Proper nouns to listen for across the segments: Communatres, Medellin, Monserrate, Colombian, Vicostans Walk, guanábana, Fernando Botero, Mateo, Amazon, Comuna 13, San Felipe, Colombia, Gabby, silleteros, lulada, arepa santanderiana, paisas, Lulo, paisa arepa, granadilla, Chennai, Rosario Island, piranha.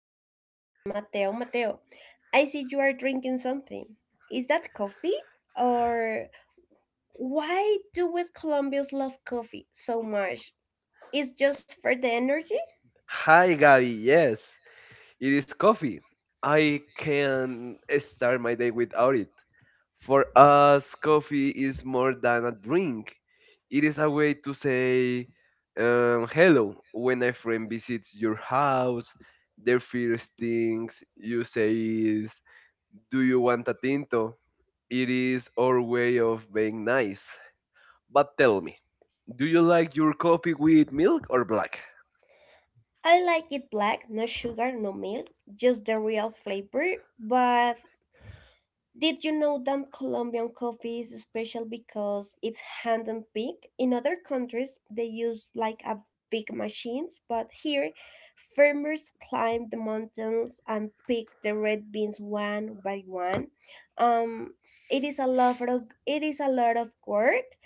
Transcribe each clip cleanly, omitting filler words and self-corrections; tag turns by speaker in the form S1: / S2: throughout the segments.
S1: here with my friend Mateo. Mateo, I see you are drinking something. Is that coffee? Or why do we Colombians love coffee so much? It's just for the energy?
S2: Hi, Gabby. Yes, it is coffee. I can start my day without it. For us, coffee is more than a drink. It is a way to say hello when a friend visits your house. Their first things you say is, do you want a tinto? It is our way of being nice. But tell me, do you like your coffee with milk or black?
S1: I like it black, no sugar, no milk, just the real flavor, but did you know that Colombian coffee is special because it's hand and picked? In other countries, they use like a big machines, but here, farmers climb the mountains and pick the red beans one by one. Um, it is a lot of it is a lot of work.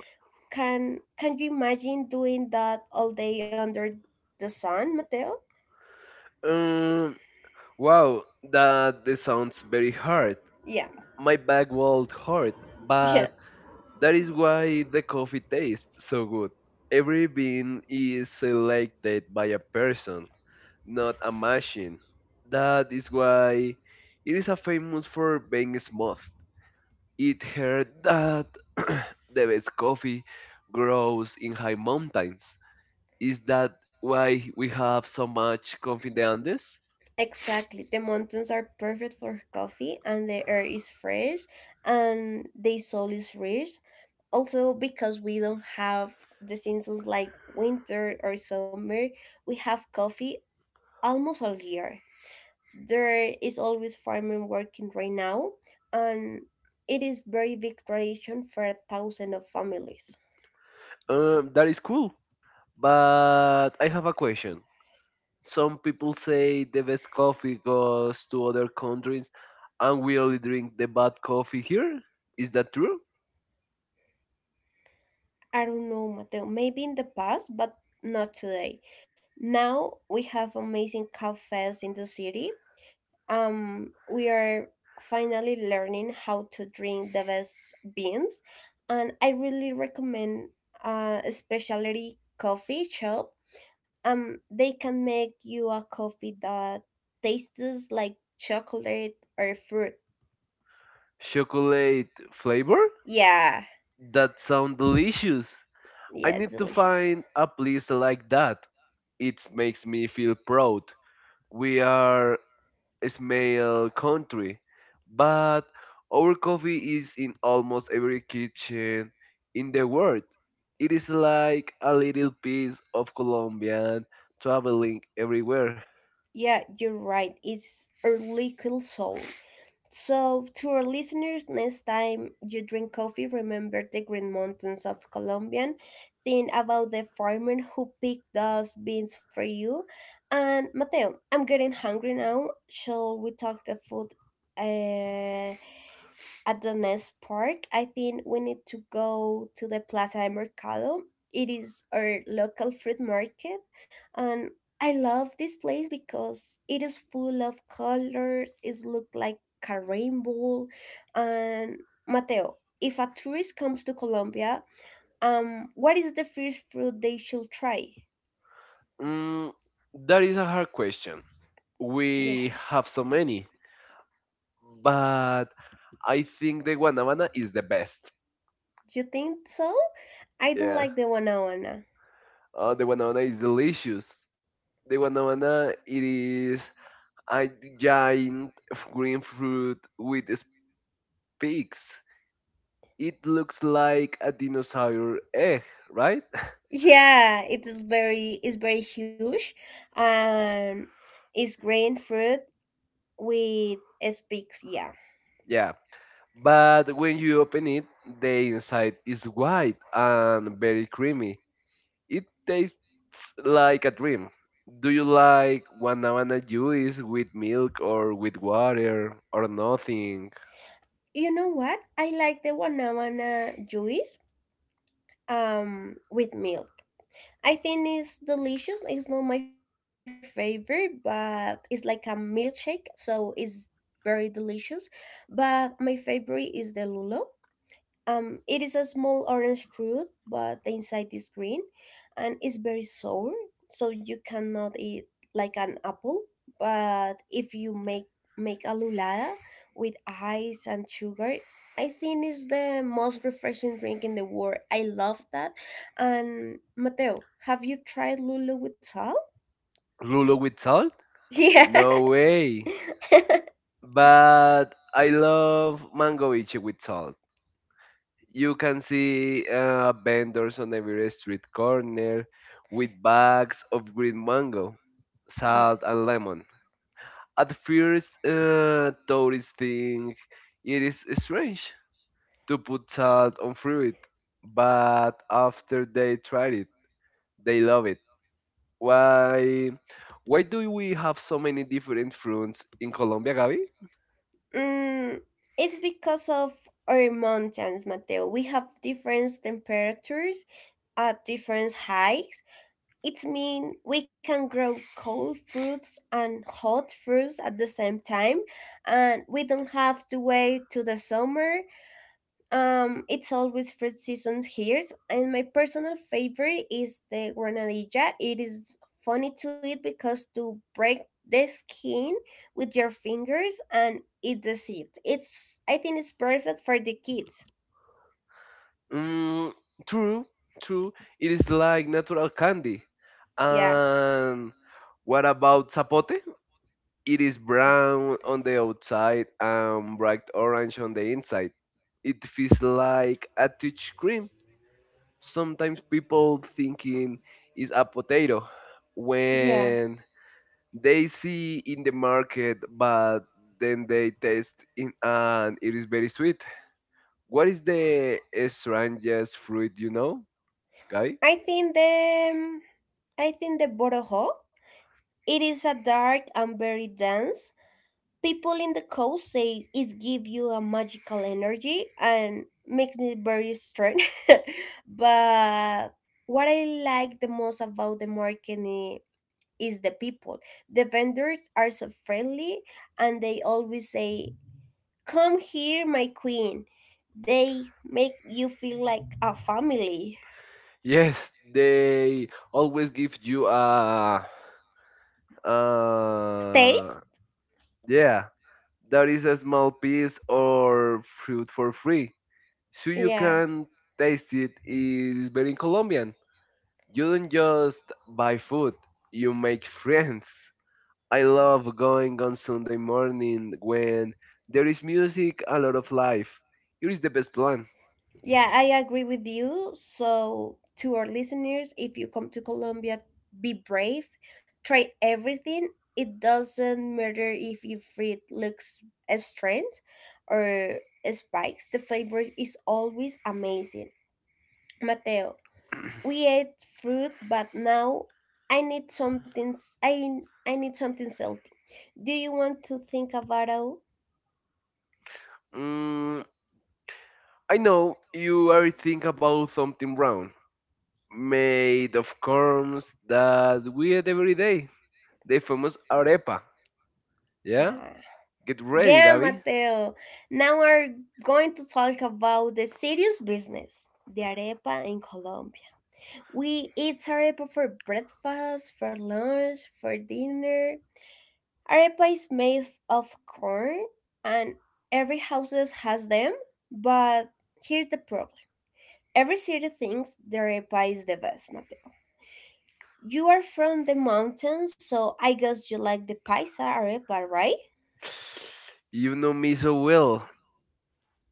S1: Can you imagine doing that all day under the sun, Mateo?
S2: Um, Wow, that this sounds very hard.
S1: Yeah.
S2: My back will hurt, but that is why the coffee tastes so good. Every bean is selected by a person, not a machine. That is why it is a famous for being smooth. It heard that the best coffee grows in high mountains. Is that why we have so much coffee in the Andes?
S1: Exactly. The mountains are perfect for coffee and the air is fresh and the soil is rich. Also, because we don't have the seasons like winter or summer, we have coffee almost all year. There is always farming working right now and it is very big tradition for a thousand of families.
S2: That is cool. But I have a question. Some people say the best coffee goes to other countries, and we only drink the bad coffee here. Is that true?
S1: I don't know, Mateo, maybe in the past, but not today. Now we have amazing cafes in the city, we are finally learning how to drink the best beans. And I really recommend a specialty coffee shop. They can make you a coffee that tastes like chocolate or fruit.
S2: Chocolate flavor?
S1: Yeah,
S2: That sounds delicious. I
S1: yeah,
S2: need to
S1: delicious.
S2: find a place like that. It makes me feel proud. We are smell country, but our coffee is in almost every kitchen in the world. It is like a little piece of Colombian traveling everywhere.
S1: Yeah, you're right. It's early cool soul. So, to our listeners, next time you drink coffee, remember the green mountains of Colombia. Think about the farmer who picked those beans for you. And Mateo, I'm getting hungry now. Shall we talk the food? Uh, at the next park, I think we need to go to the Plaza de Mercado. It is our local fruit market, and I love this place because it is full of colors. It looks like a rainbow. And Mateo, if a tourist comes to Colombia, what is the first fruit they should try?
S2: Mm, that is a hard question.
S1: Yeah,
S2: We have so many, but I think the guanabana is the best.
S1: do you think so? I don't
S2: Yeah,
S1: like the guanábana.
S2: the guanabana is delicious. The guanabana it is a giant green fruit with pigs. It looks like a dinosaur egg, right?
S1: Yeah, it's very huge and it's green fruit with speaks, yeah.
S2: Yeah. But when you open it, the inside is white and very creamy. It tastes like a dream. Do you like banana juice with milk or with water or nothing?
S1: You know what? I like the Guanabana juice with milk. I think it's delicious. It's not my favorite, but it's like a milkshake, so it's very delicious. But my favorite is the Lulo. It is a small orange fruit, but the inside is green and it's very sour, so you cannot eat like an apple. But if you make a lulada with ice and sugar, I think it's the most refreshing drink in the world. I love that. And Mateo, have you tried lulu with salt?
S2: Lulu with salt? No
S1: Yeah.
S2: way. But I love mango ichi with salt. You can see vendors on every street corner with bags of green mango,
S1: Yeah.
S2: salt, and lemon. At first, tourists think it is strange to put salt on fruit, but after they tried it, they love it. Why? Why do we have so many different fruits in Colombia, Gaby?
S1: Mm, it's because of our mountains, Mateo. We have different temperatures at different heights. It means we can grow cold fruits and hot fruits at the same time, and we don't have to wait to the summer. It's always fruit seasons here, and my personal favorite is the granadilla. It is funny to eat because to break the skin with your fingers and eat the seed. It's I think it's perfect for the kids.
S2: Mm, True, true. It is like natural candy.
S1: Yeah.
S2: And what about zapote? It is
S1: So,
S2: brown on the outside and bright orange on the inside. It feels like a touch cream. Sometimes people thinking it's a potato
S1: yeah.
S2: when they see in the market, but then they taste it and it is very sweet. What is the strangest fruit you know, guy?
S1: I think the I think the borough. It is a dark and very dense. People in the coast say it gives you a magical energy and makes me very strong. But what I like the most about the market is the people. The vendors are so friendly and they always say, "Come here, my queen." They make you feel like a family.
S2: Yes, they always give you a,
S1: Taste?
S2: uh, yeah, that is a small piece or fruit for free. So you
S1: Yeah.
S2: can taste it is very Colombian. You don't just buy food, you make friends. I love going on Sunday morning when there is music, a lot of life. Here is the best plan.
S1: Yeah, I agree with you. So, to our listeners, if you come to Colombia, be brave, try everything. It doesn't matter if your fruit looks strange or spikes, the flavor is always amazing. Mateo, we ate fruit, but now I need something salty. Do you want to think about it?
S2: Mm, I know you are thinking about something wrong. Made of corns that we eat every day. The famous arepa. Yeah?
S1: Yeah.
S2: Get ready,
S1: Yeah,
S2: Gabby.
S1: Mateo. Now we're going to talk about the serious business, the arepa in Colombia. We eat arepa for breakfast, for lunch, for dinner. Arepa is made of corn, and every house has them. But here's the problem, every city thinks the arepa is the best, Mateo. You are from the mountains, so I guess you like the paisa arepa, right?
S2: You know me so well.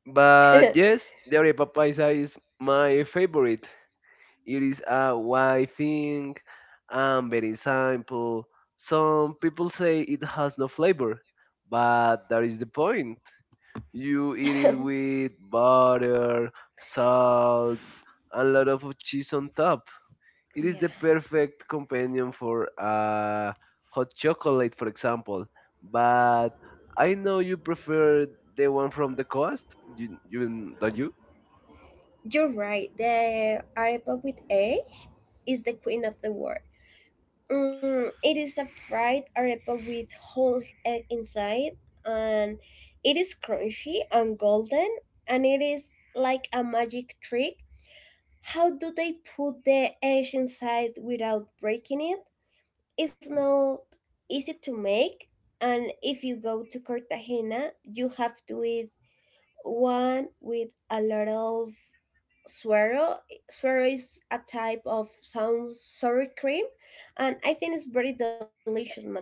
S2: But yes, the arepa paisa is my favorite. It is a white thing and very simple. Some people say it has no flavor, but that is the point. You eat it with butter, salt, and a lot of cheese on top. It is the
S1: Yeah.
S2: perfect companion for hot chocolate, for example. But I know you prefer the one from the coast. You don't you?
S1: You're right. The arepa with egg is the queen of the world. Mm, it is a fried arepa with whole egg inside, and it is crunchy and golden, and it is like a magic trick. How do they put the egg inside without breaking it? It's not easy to make, and if you go to Cartagena, you have to eat one with a lot of suero. Suero is a type of some sour cream, and I think it's very delicious, Mateo.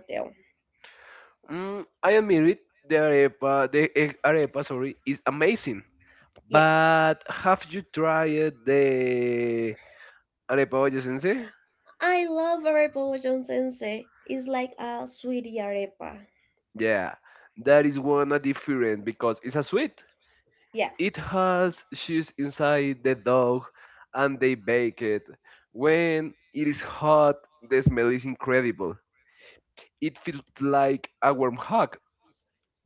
S2: I admit it. The arepa, sorry, is amazing.
S1: Yeah,
S2: But have you tried the arepa boyacense?
S1: I love arepa wajan sensei. It's like a sweetie arepa.
S2: Yeah, that is one a different because it's a sweet.
S1: Yeah,
S2: It has cheese inside the dough and they bake it. When it is hot, the smell is incredible. It feels like a warm hug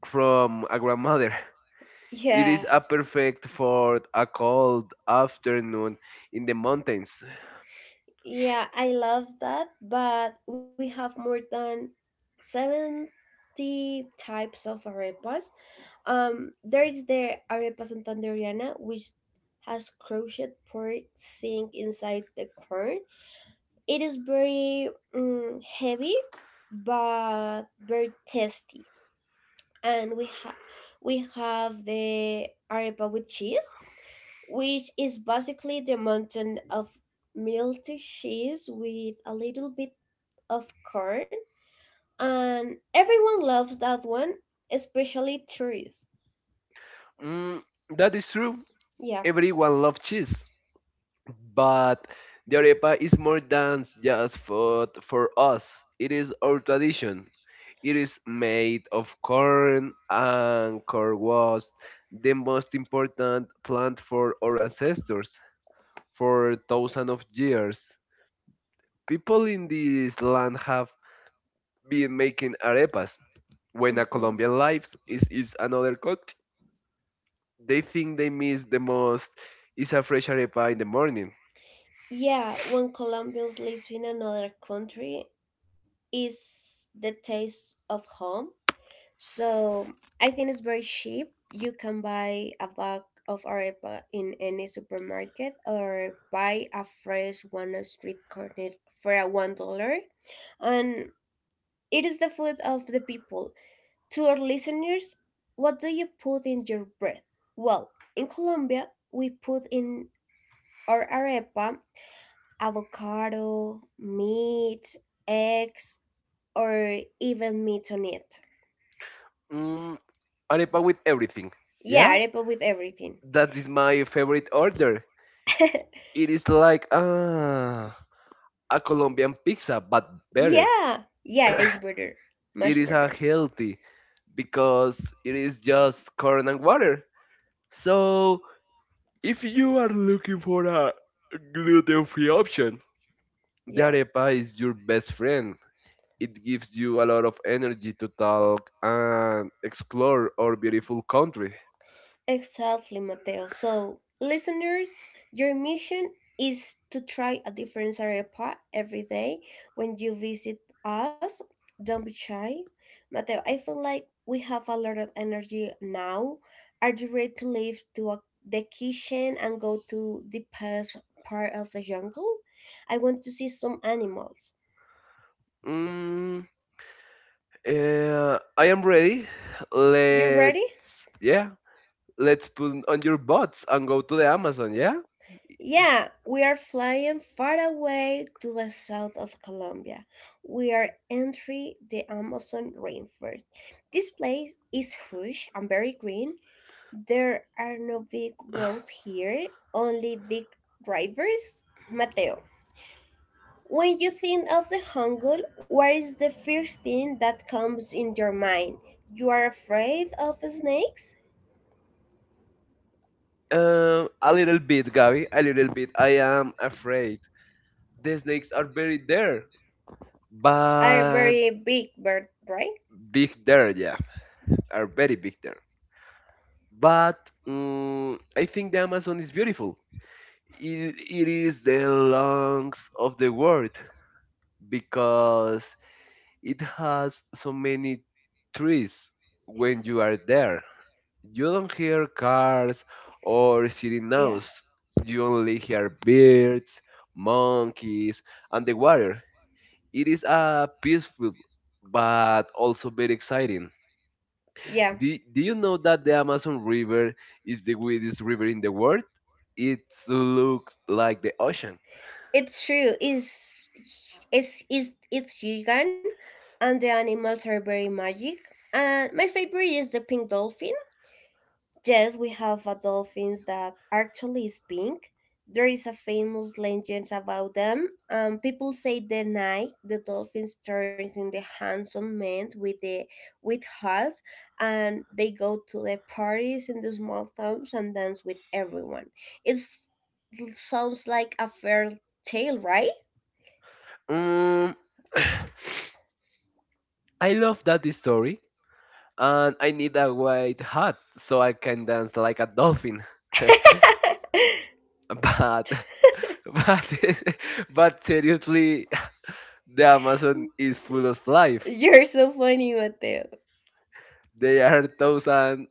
S2: from a grandmother. It
S1: yeah,
S2: is a perfect for a cold afternoon in the mountains.
S1: yeah. I love that, but we have more than 70 types of arepas. There is the arepa santanderiana, which has crushed pork sink inside the corn. It is very heavy, but very tasty. And we have the arepa with cheese, which is basically the mountain of melted cheese with a little bit of corn. And everyone loves that one, especially tourists.
S2: Mm, that is true.
S1: Yeah.
S2: Everyone loves cheese. But the arepa is more than just food for us. It is our tradition. It is made of corn and corn was the most important plant for our ancestors for thousands of years. People in this land have been making arepas. When a
S1: Mhm.
S2: Colombian lives is another country, they think they miss the most is a fresh arepa in the morning.
S1: Yeah, when Colombians live in another country, is the taste of home. So I think it's very cheap. You can buy a bag of arepa in any supermarket or buy a fresh one on street corner for a $1. And it is the food of the people. To our listeners, what do you put in your bread? Well, in Colombia, we put in our arepa avocado, meat, eggs, or even meat on it.
S2: Mm, Arepa with everything.
S1: Yeah,
S2: Yeah?
S1: arepa with everything.
S2: That is my favorite order. It is like a Colombian pizza, but better.
S1: Yeah, yeah, it's better. Much
S2: It is a
S1: better.
S2: healthy because it is just corn and water. So if you are looking for a gluten-free option, the
S1: Yeah.
S2: arepa is your best friend. It gives you a lot of energy to talk and explore our beautiful country.
S1: Exactly, Mateo. So, listeners, your mission is to try a different arepa every day when you visit us. Don't be shy. Mateo, I feel like we have a lot of energy now. Are you ready to leave to a, the kitchen and go to the past part of the jungle? I want to see some animals.
S2: Mm, I am ready.
S1: You ready?
S2: Yeah, let's put on your bots and go to the Amazon, yeah?
S1: Yeah, we are flying far away to the south of Colombia. We are entering the Amazon rainforest. This place is huge and very green. There are no big roads here, only big drivers. Mateo, when you think of the jungle, what is the first thing that comes in your mind? You are afraid of snakes?
S2: A little bit, Gabby, a little bit. I am afraid. The snakes are very there,
S1: Are
S2: but
S1: very big bird, right?
S2: big there, yeah, are very big there. But I think the Amazon is beautiful. It is the lungs of the world because it has so many trees. When you are there you don't hear cars or city
S1: Yeah.
S2: noise. You only hear birds, monkeys, and the water. It is a peaceful but also very exciting.
S1: Yeah.
S2: Do you know that the Amazon River is the widest river in the world? It looks like the ocean.
S1: It's true. Is it's Yugan and the animals are very magic. And my favorite is the pink dolphin. Yes, we have a dolphins that actually is pink. There is a famous legend about them. People say the night the dolphins turns in the handsome men with the with hats, and they go to the parties in the small towns and dance with everyone. It's, it sounds like a fair tale, right?
S2: Um, I love that story, and I need a white hat so I can dance like a dolphin. But But but seriously, the Amazon is full of life.
S1: You're so funny, Mateo.
S2: There are thousands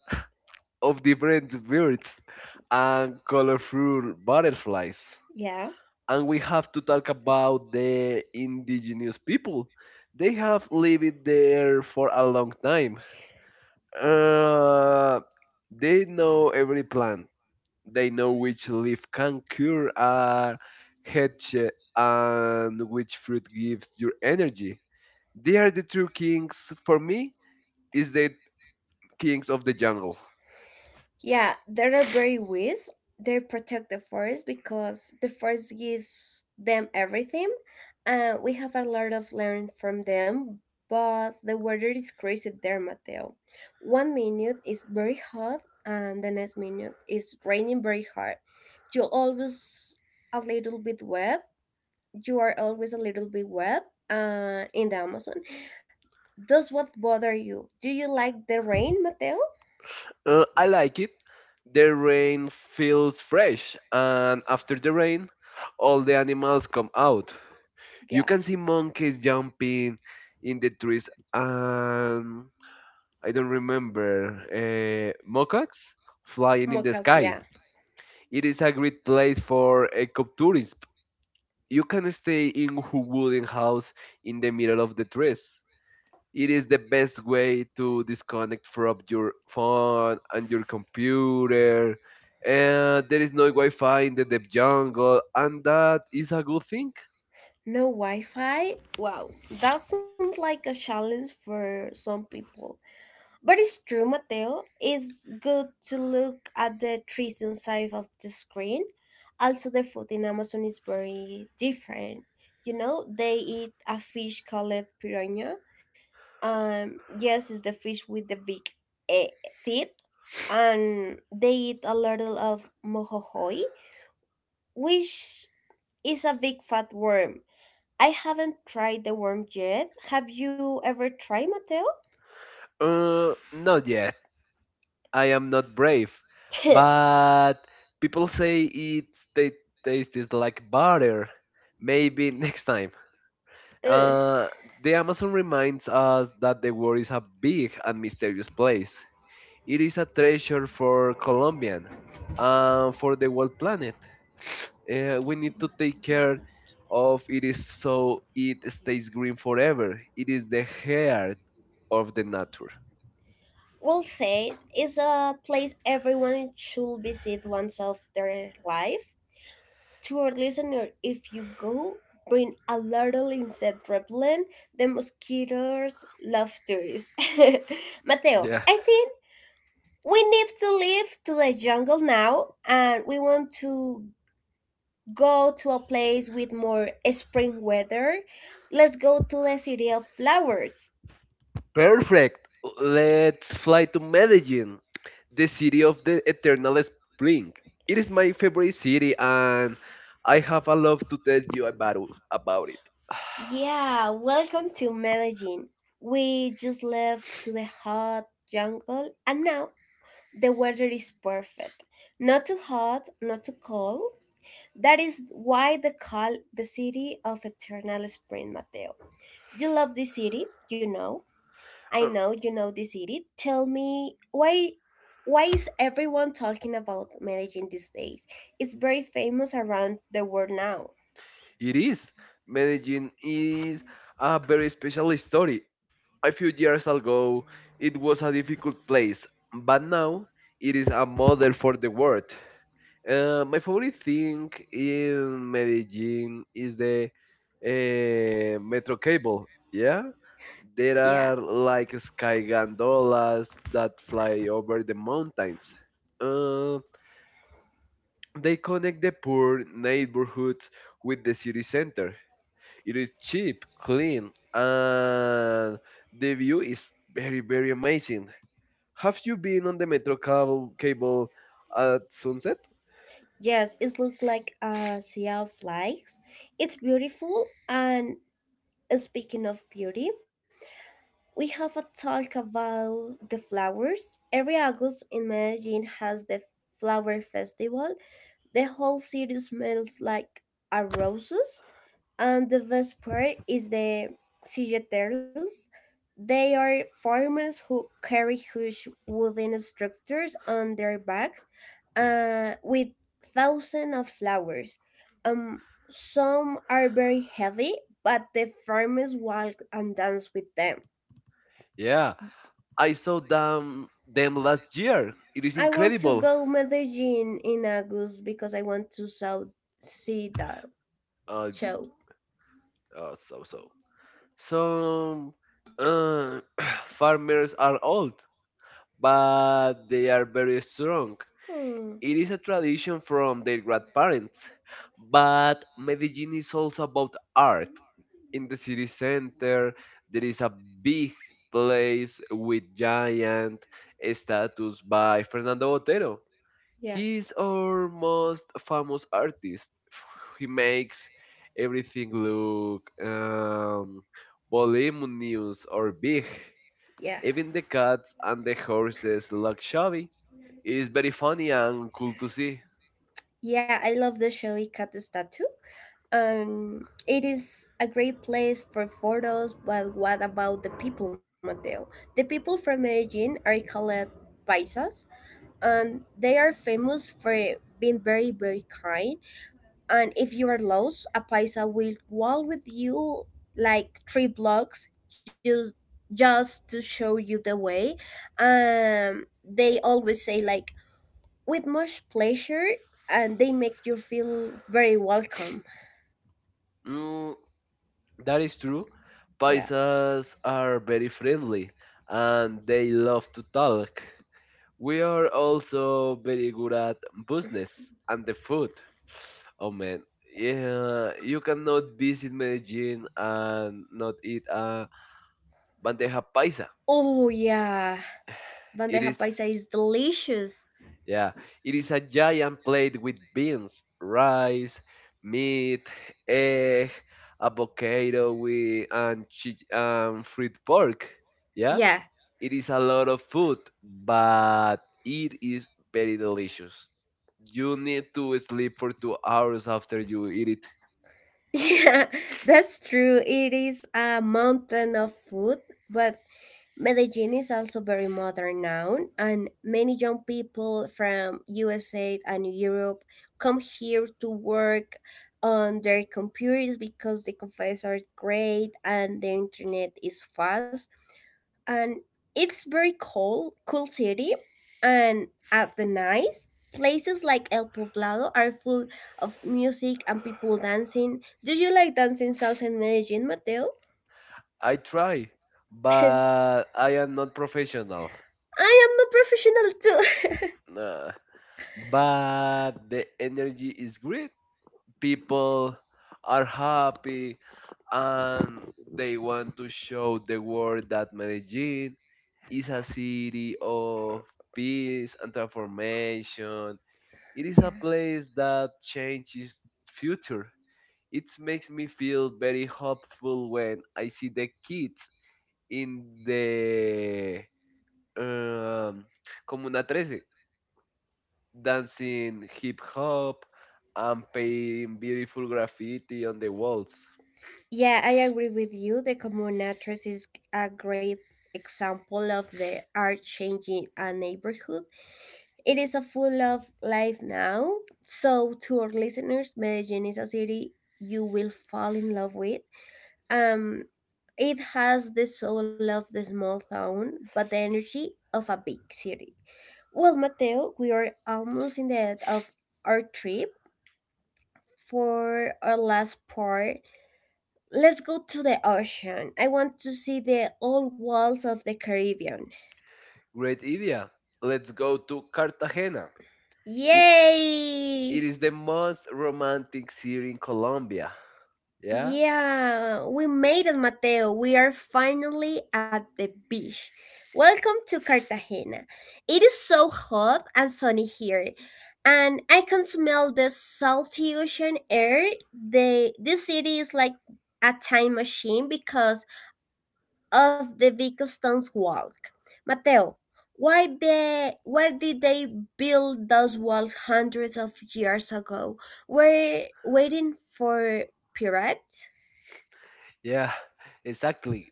S2: of different birds and colorful butterflies.
S1: Yeah.
S2: And we have to talk about the indigenous people. They have lived there for a long time. Uh, they know every plant. They know which leaf can cure a headache and which fruit gives your energy. They are the true kings for me. Is the kings of the jungle.
S1: Yeah, there are very ways they protect the forest because the forest gives them everything. And we have a lot of learn from them, but the weather is crazy there, Mateo. 1 minute is very hot and the next minute is raining very hard. You're always a little bit wet. You are always a little bit wet in the Amazon. Does what bother you? Do you like the rain, Mateo?
S2: I like it. The rain feels fresh, and after the rain, all the animals come out.
S1: Yeah.
S2: You can see monkeys jumping in the trees, and I don't remember macaques flying in the
S1: Mocas,
S2: sky.
S1: yeah.
S2: It is a great place for ecotourism. You can stay in a wooden house in the middle of the trees. It is the best way to disconnect from your phone and your computer. And there is no Wi Fi in the deep jungle, and that is a good thing.
S1: No Wi Fi? Wow, that sounds like a challenge for some people. But it's true, Mateo. It's good to look at the trees inside of the screen. Also, the food in Amazon is very different. You know, they eat a fish called piranha. Yes, it's the fish with the big eh, teeth, and they eat a little of mohohoi, which is a big fat worm. I haven't tried the worm yet. Have you ever tried, Mateo?
S2: Not yet. I am not brave. But people say it ta- tastes like butter. Maybe next time.
S1: Ugh.
S2: Uh, the Amazon reminds us that the world is a big and mysterious place. It is a treasure for Colombian and for the world planet. We need to take care of it is so it stays green forever. It is the heart of the nature.
S1: Well said. It's a place everyone should visit once of their life. To our listener, if you go, bring a little insect repellent, the mosquitoes' love tourists. Mateo,
S2: Yeah.
S1: I think we need to leave to the jungle now, and we want to go to a place with more spring weather. Let's go to the city of flowers.
S2: Perfect. Let's fly to Medellin, the city of the eternal spring. It is my favorite city and I have a lot to tell you about it.
S1: Yeah, welcome to Medellin. We just left to the hot jungle, and now the weather is perfect. Not too hot, not too cold. That is why they call the city of eternal spring, Mateo. You love this city, you know. I know you know this city. Tell me why is everyone talking about Medellin these days? It's very famous around the world now.
S2: It is. Medellin is a very special story. A few years ago, it was a difficult place, but now it is a model for the world. My favorite thing in Medellin is the metro cable. Yeah, there
S1: Yeah.
S2: are like sky gondolas that fly over the mountains. Uh, they connect the poor neighborhoods with the city center. It is cheap, clean, and the view is very, very amazing. Have you been on the metro cable at sunset?
S1: Yes, it looks like a sea of lights. It's beautiful and, speaking of beauty, we have a talk about the flowers. Every August in Medellin has the flower festival. The whole city smells like a roses, and the best part is the silleteros. They are farmers who carry huge wooden structures on their backs with thousands of flowers. Um, some are very heavy, but the farmers walk and dance with them.
S2: Yeah, I saw them last year. It is
S1: I want to
S2: incredible.
S1: go Medellin in August because I want to see that
S2: Uh, d-
S1: show.
S2: so. Some uh, farmers are old, but they are very strong.
S1: Hmm.
S2: It is a tradition from their grandparents, but Medellin is also about art. In the city center, there is a big place with giant statues by Fernando Botero.
S1: Yeah,
S2: He is our most famous artist. He makes everything look voluminous or big.
S1: yeah,
S2: Even the cats and the horses look shabby. It is very funny and cool to see.
S1: yeah. I love the show Ikate's Tattoo. It is a great place for photos. But what about the people, Mateo? The people from Medellin are called paisas, and they are famous for being very, very kind. And if you are lost, a paisa will walk with you like three blocks just to show you the way. They always say like with much pleasure, and they make you feel very welcome.
S2: Mm, that is true.
S1: Yeah.
S2: Paisas are very friendly and they love to talk. We are also very good at business and the food. Oh man, yeah, you cannot visit Medellin and not eat a bandeja paisa.
S1: Oh yeah, bandeja
S2: It is
S1: paisa is delicious.
S2: Yeah, it is a giant plate with beans, rice, meat, egg, avocado with and, and fried pork. Yeah,
S1: Yeah.
S2: it is a lot of food, but it is very delicious. You need to sleep for 2 hours after you eat it.
S1: Yeah, that's true. It is a mountain of food, but Medellin is also very modern now, and many young people from USA and Europe come here to work on their computers because the computers are great and the internet is fast. And it's very cool city. And at the night, places like El Poblado are full of music and people dancing. Do you like dancing salsa in Medellin, Mateo?
S2: I try, but I am not professional.
S1: I am a professional too.
S2: Nah. But the energy is great. People are happy and they want to show the world that Medellin is a city of peace and transformation. It is a
S1: Yeah.
S2: place that changes future. It makes me feel very hopeful when I see the kids in the um, Comuna 13 dancing hip hop and painting beautiful graffiti on the walls.
S1: Yeah, I agree with you. The Communatres is a great example of the art changing a neighborhood. It is a full of life now. So to our listeners, Medellin is a city you will fall in love with. Um it has the soul of the small town, but the energy of a big city. Well, Mateo, we are almost in the end of our trip. For our last part, let's go to the ocean. I want to see the old walls of the Caribbean.
S2: Great idea. Let's go to Cartagena. It, it
S1: Yay!
S2: is the most romantic city in Colombia. Yeah?
S1: Yeah, we made it, Mateo. We are finally at the beach. Welcome to Cartagena. It is so hot and sunny here, and I can smell the salty ocean air. The this city is like a time machine because of the Vicostans Walk. Mateo, why did they build those walls hundreds of years ago? Were waiting for pirates?
S2: Yeah, exactly.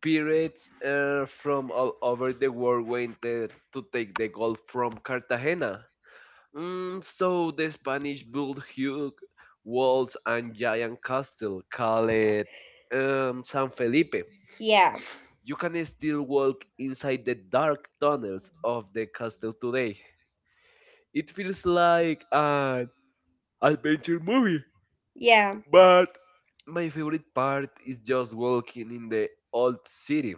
S2: Pirates from all over the world went there to take the gold from Cartagena. So the Spanish built huge walls and giant castle called San Felipe.
S1: Yeah,
S2: You can still walk inside the dark tunnels of the castle today. It feels like an adventure movie,
S1: yeah.
S2: but my favorite part is just walking in the old city.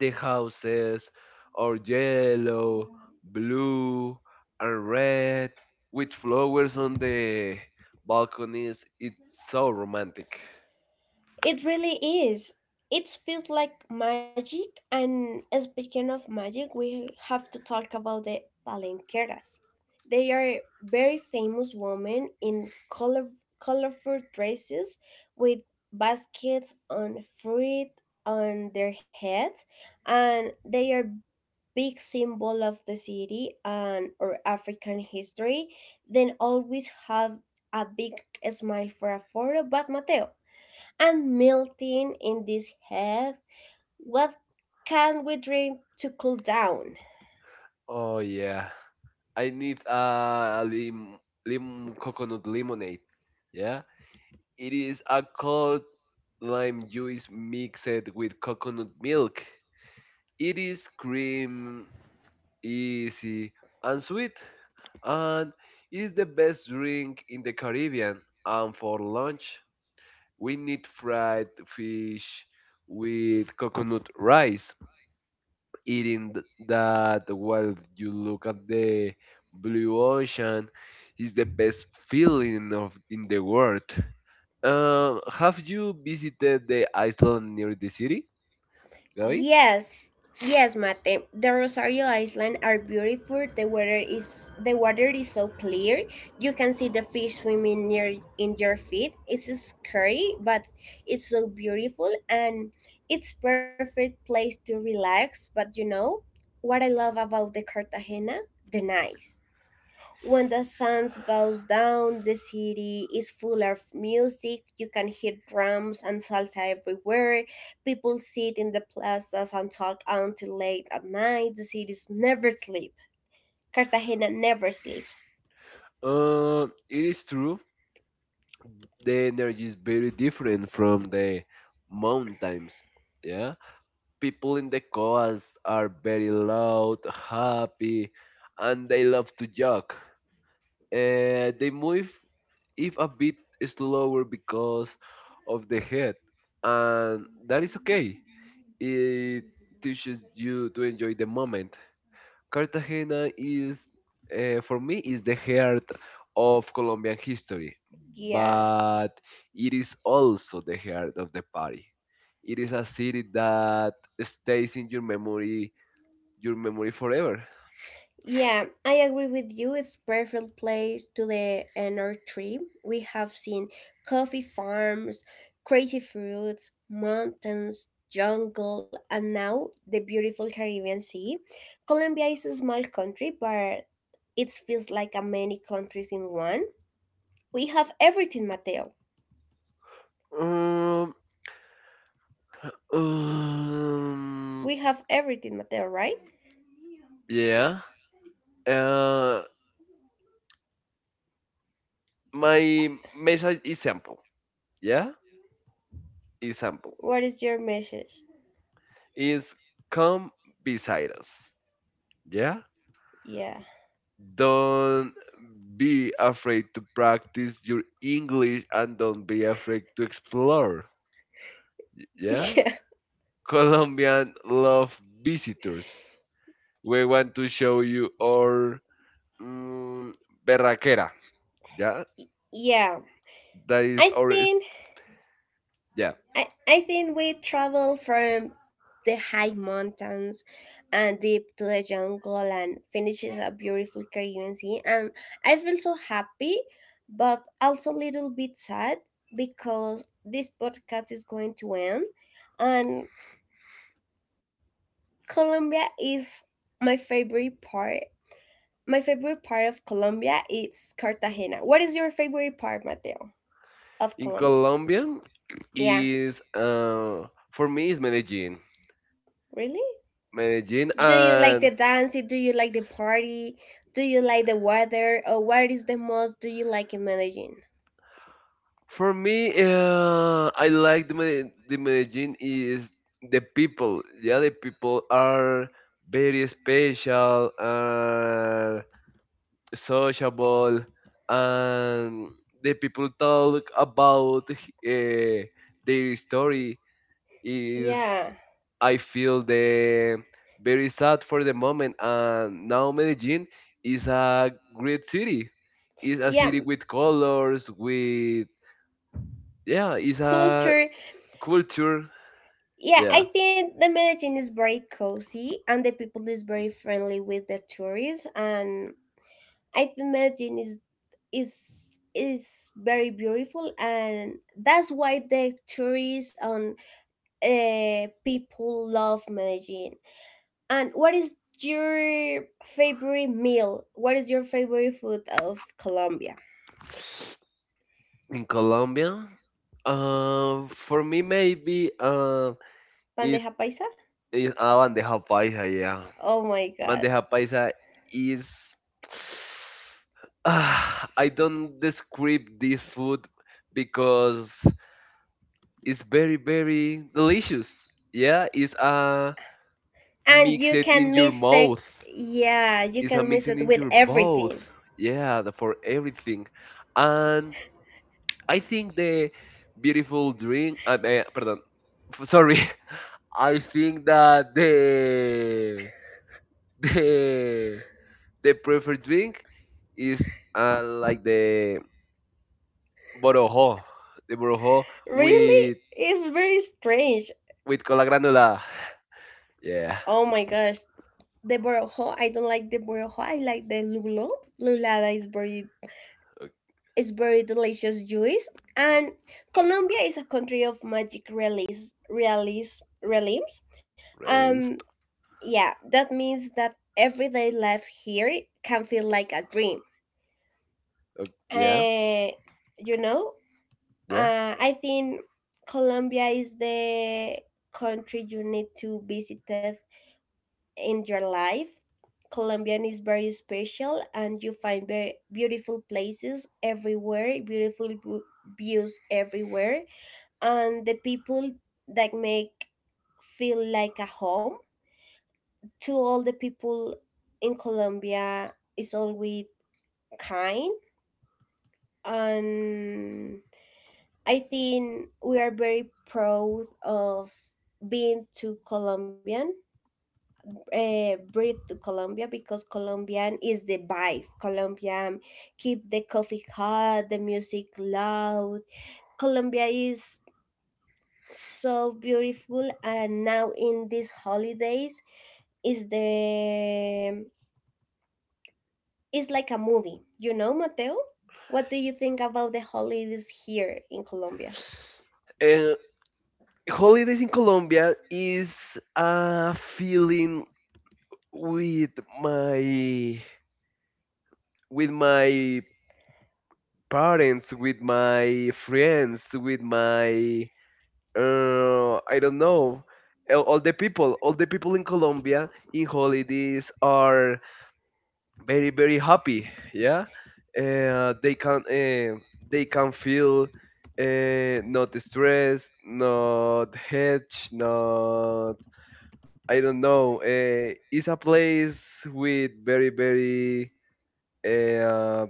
S2: The houses are yellow, blue, and red with flowers on the balconies. It's so romantic.
S1: It really is. It feels like magic, and speaking of magic, we have to talk about the palenqueras. They are very famous women in colorful dresses with baskets on fruit on their heads, and they are big symbol of the city and or African history. Then always have a big smile for a photo. But Mateo, and melting in this heat. What can we drink to cool down?
S2: Oh yeah. I need a lim, lim coconut lemonade. Yeah. It is a cold lime juice mixed with coconut milk. It is cream, easy, and sweet, and it is the best drink in the Caribbean. And for lunch, we need fried fish with coconut rice. Eating that while you look at the blue ocean is the best feeling of in the world. Have you visited the island near the city? Gabi?
S1: Yes, yes, Mate. The Rosario Island are beautiful. The water is so clear. You can see the fish swimming near in your feet. It's scary, but it's so beautiful and it's perfect place to relax. But you know what I love about the Cartagena? The nice. When the sun goes down, the city is full of music. You can hear drums and salsa everywhere. People sit in the plazas and talk until late at night. The cities never sleep. Cartagena never sleeps.
S2: It is true. The energy is very different from the mountains. Yeah, people in the coast are very loud, happy, and they love to jog. They move if a bit slower because of the head, and that is okay. It teaches you to enjoy the moment. Cartagena is, for me, is the heart of Colombian history,
S1: Yeah.
S2: but it is also the heart of the party. It is a city that stays in your memory forever.
S1: Yeah, I agree with you. It's perfect place to the NR tree. We have seen coffee farms, crazy fruits, mountains, jungle, and now the beautiful Caribbean Sea. Colombia is a small country, but it feels like a many countries in one. We have everything, Mateo.
S2: Um, um,
S1: We have everything, Mateo, right?
S2: yeah. Uh, my message is simple. Yeah, is simple.
S1: What is your message?
S2: Is come beside us. Yeah.
S1: Yeah.
S2: Don't be afraid to practice your English and don't be afraid to explore. Yeah?
S1: Yeah.
S2: Colombian love visitors. We want to show you our mm, berraquera. Yeah?
S1: Yeah.
S2: That is
S1: I
S2: our,
S1: think
S2: yeah.
S1: I think we travel from the high mountains and deep to the jungle and finishes a beautiful Caribbean sea. And I feel so happy, but also a little bit sad because this podcast is going to end, and Colombia is my favorite part. My favorite part of Colombia is Cartagena. What is your favorite part, Mateo, of
S2: In
S1: Colombia?
S2: Colombian
S1: Yeah,
S2: is, for me, is Medellin.
S1: really?
S2: Medellin
S1: Do you like the
S2: and
S1: dancing? Do you like the party? Do you like the weather? Or what is the most do you like in Medellin?
S2: for me, I like the Medellin is the people. Yeah, the people are very special, sociable, and the people talk about their story. Is
S1: Yeah,
S2: I feel the very sad for the moment, and now Medellin is a great city. It's a
S1: yeah,
S2: city
S1: m-
S2: with colors, with yeah, it's a
S1: culture.
S2: culture.
S1: Yeah,
S2: Yeah,
S1: I think the Medellin is very cozy and the people is very friendly with the tourists. And I think Medellin is very beautiful, and that's why the tourists and people love Medellin. And what is your favorite meal? What is your favorite food of Colombia?
S2: in Colombia, for me maybe, is
S1: Bandeja paisa?
S2: is a bandeja paisa. Yeah,
S1: Oh my god.
S2: bandeja paisa is I don't describe this food because it's very very delicious. Yeah, it's a
S1: And
S2: mix
S1: you
S2: it in
S1: can
S2: your
S1: mistake
S2: mouth.
S1: yeah, you
S2: It's a
S1: can mix
S2: mixing
S1: it
S2: in
S1: with
S2: your mouth.
S1: everything.
S2: Yeah, for everything. And I think the beautiful dream. Pardon. Sorry. I think that the the preferred drink is like the borojo, borojo
S1: Really?
S2: with
S1: It's very strange.
S2: with cola granula. Yeah.
S1: Oh my gosh. The borojo, I don't like the borojo. I like the lulo. Lulada
S2: Ok,
S1: is very delicious juice. And Colombia is a country of magic realism. Um
S2: released.
S1: Yeah, that means that everyday life here can feel like a dream.
S2: Ok, yeah.
S1: Uh, you know,
S2: Yeah.
S1: I think Colombia is the country you need to visit it in your life. Colombian is very special, and you find very beautiful places everywhere, beautiful views everywhere, and the people that make feel like a home to all the people in Colombia is always kind and I think we are very proud of being to Colombian, breathe to Colombia because Colombian is the vibe. Colombian keep the coffee hot, the music loud. Colombia is so beautiful and now in these holidays is the it's like a movie. You know, Mateo? What do you think about the holidays here in Colombia?
S2: Uh, Holidays in Colombia is a feeling with my with my parents, with my friends, with my I don't know. All the people, in Colombia in holidays are very very happy. Yeah, uh, they can uh, they can feel not stressed, not hedge, not I don't know. It's a place with very very uh,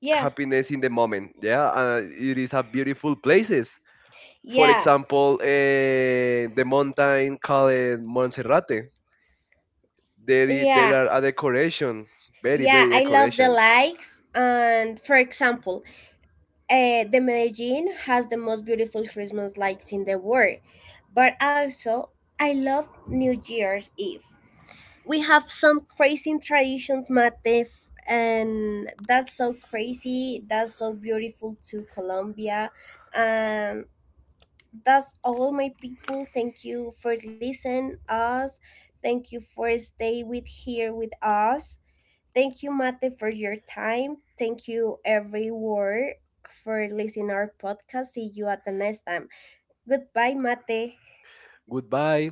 S1: Yeah,
S2: happiness in the moment. Yeah, it is a beautiful places. For
S1: yeah,
S2: example, the mountain called Monserrate. There
S1: yeah,
S2: are a decoration, very
S1: yeah.
S2: very
S1: I love the
S2: decoration.
S1: lights. And for example, the Medellin has the most beautiful Christmas lights in the world. But also, I love New Year's Eve. We have some crazy traditions, Matef, and that's so crazy. That's so beautiful to Colombia. And that's all my people, thank you for listening us, thank you for stay with here with us, thank you mate for your time, thank you everyone for listening our podcast, see you at the next time, goodbye mate.
S2: Goodbye.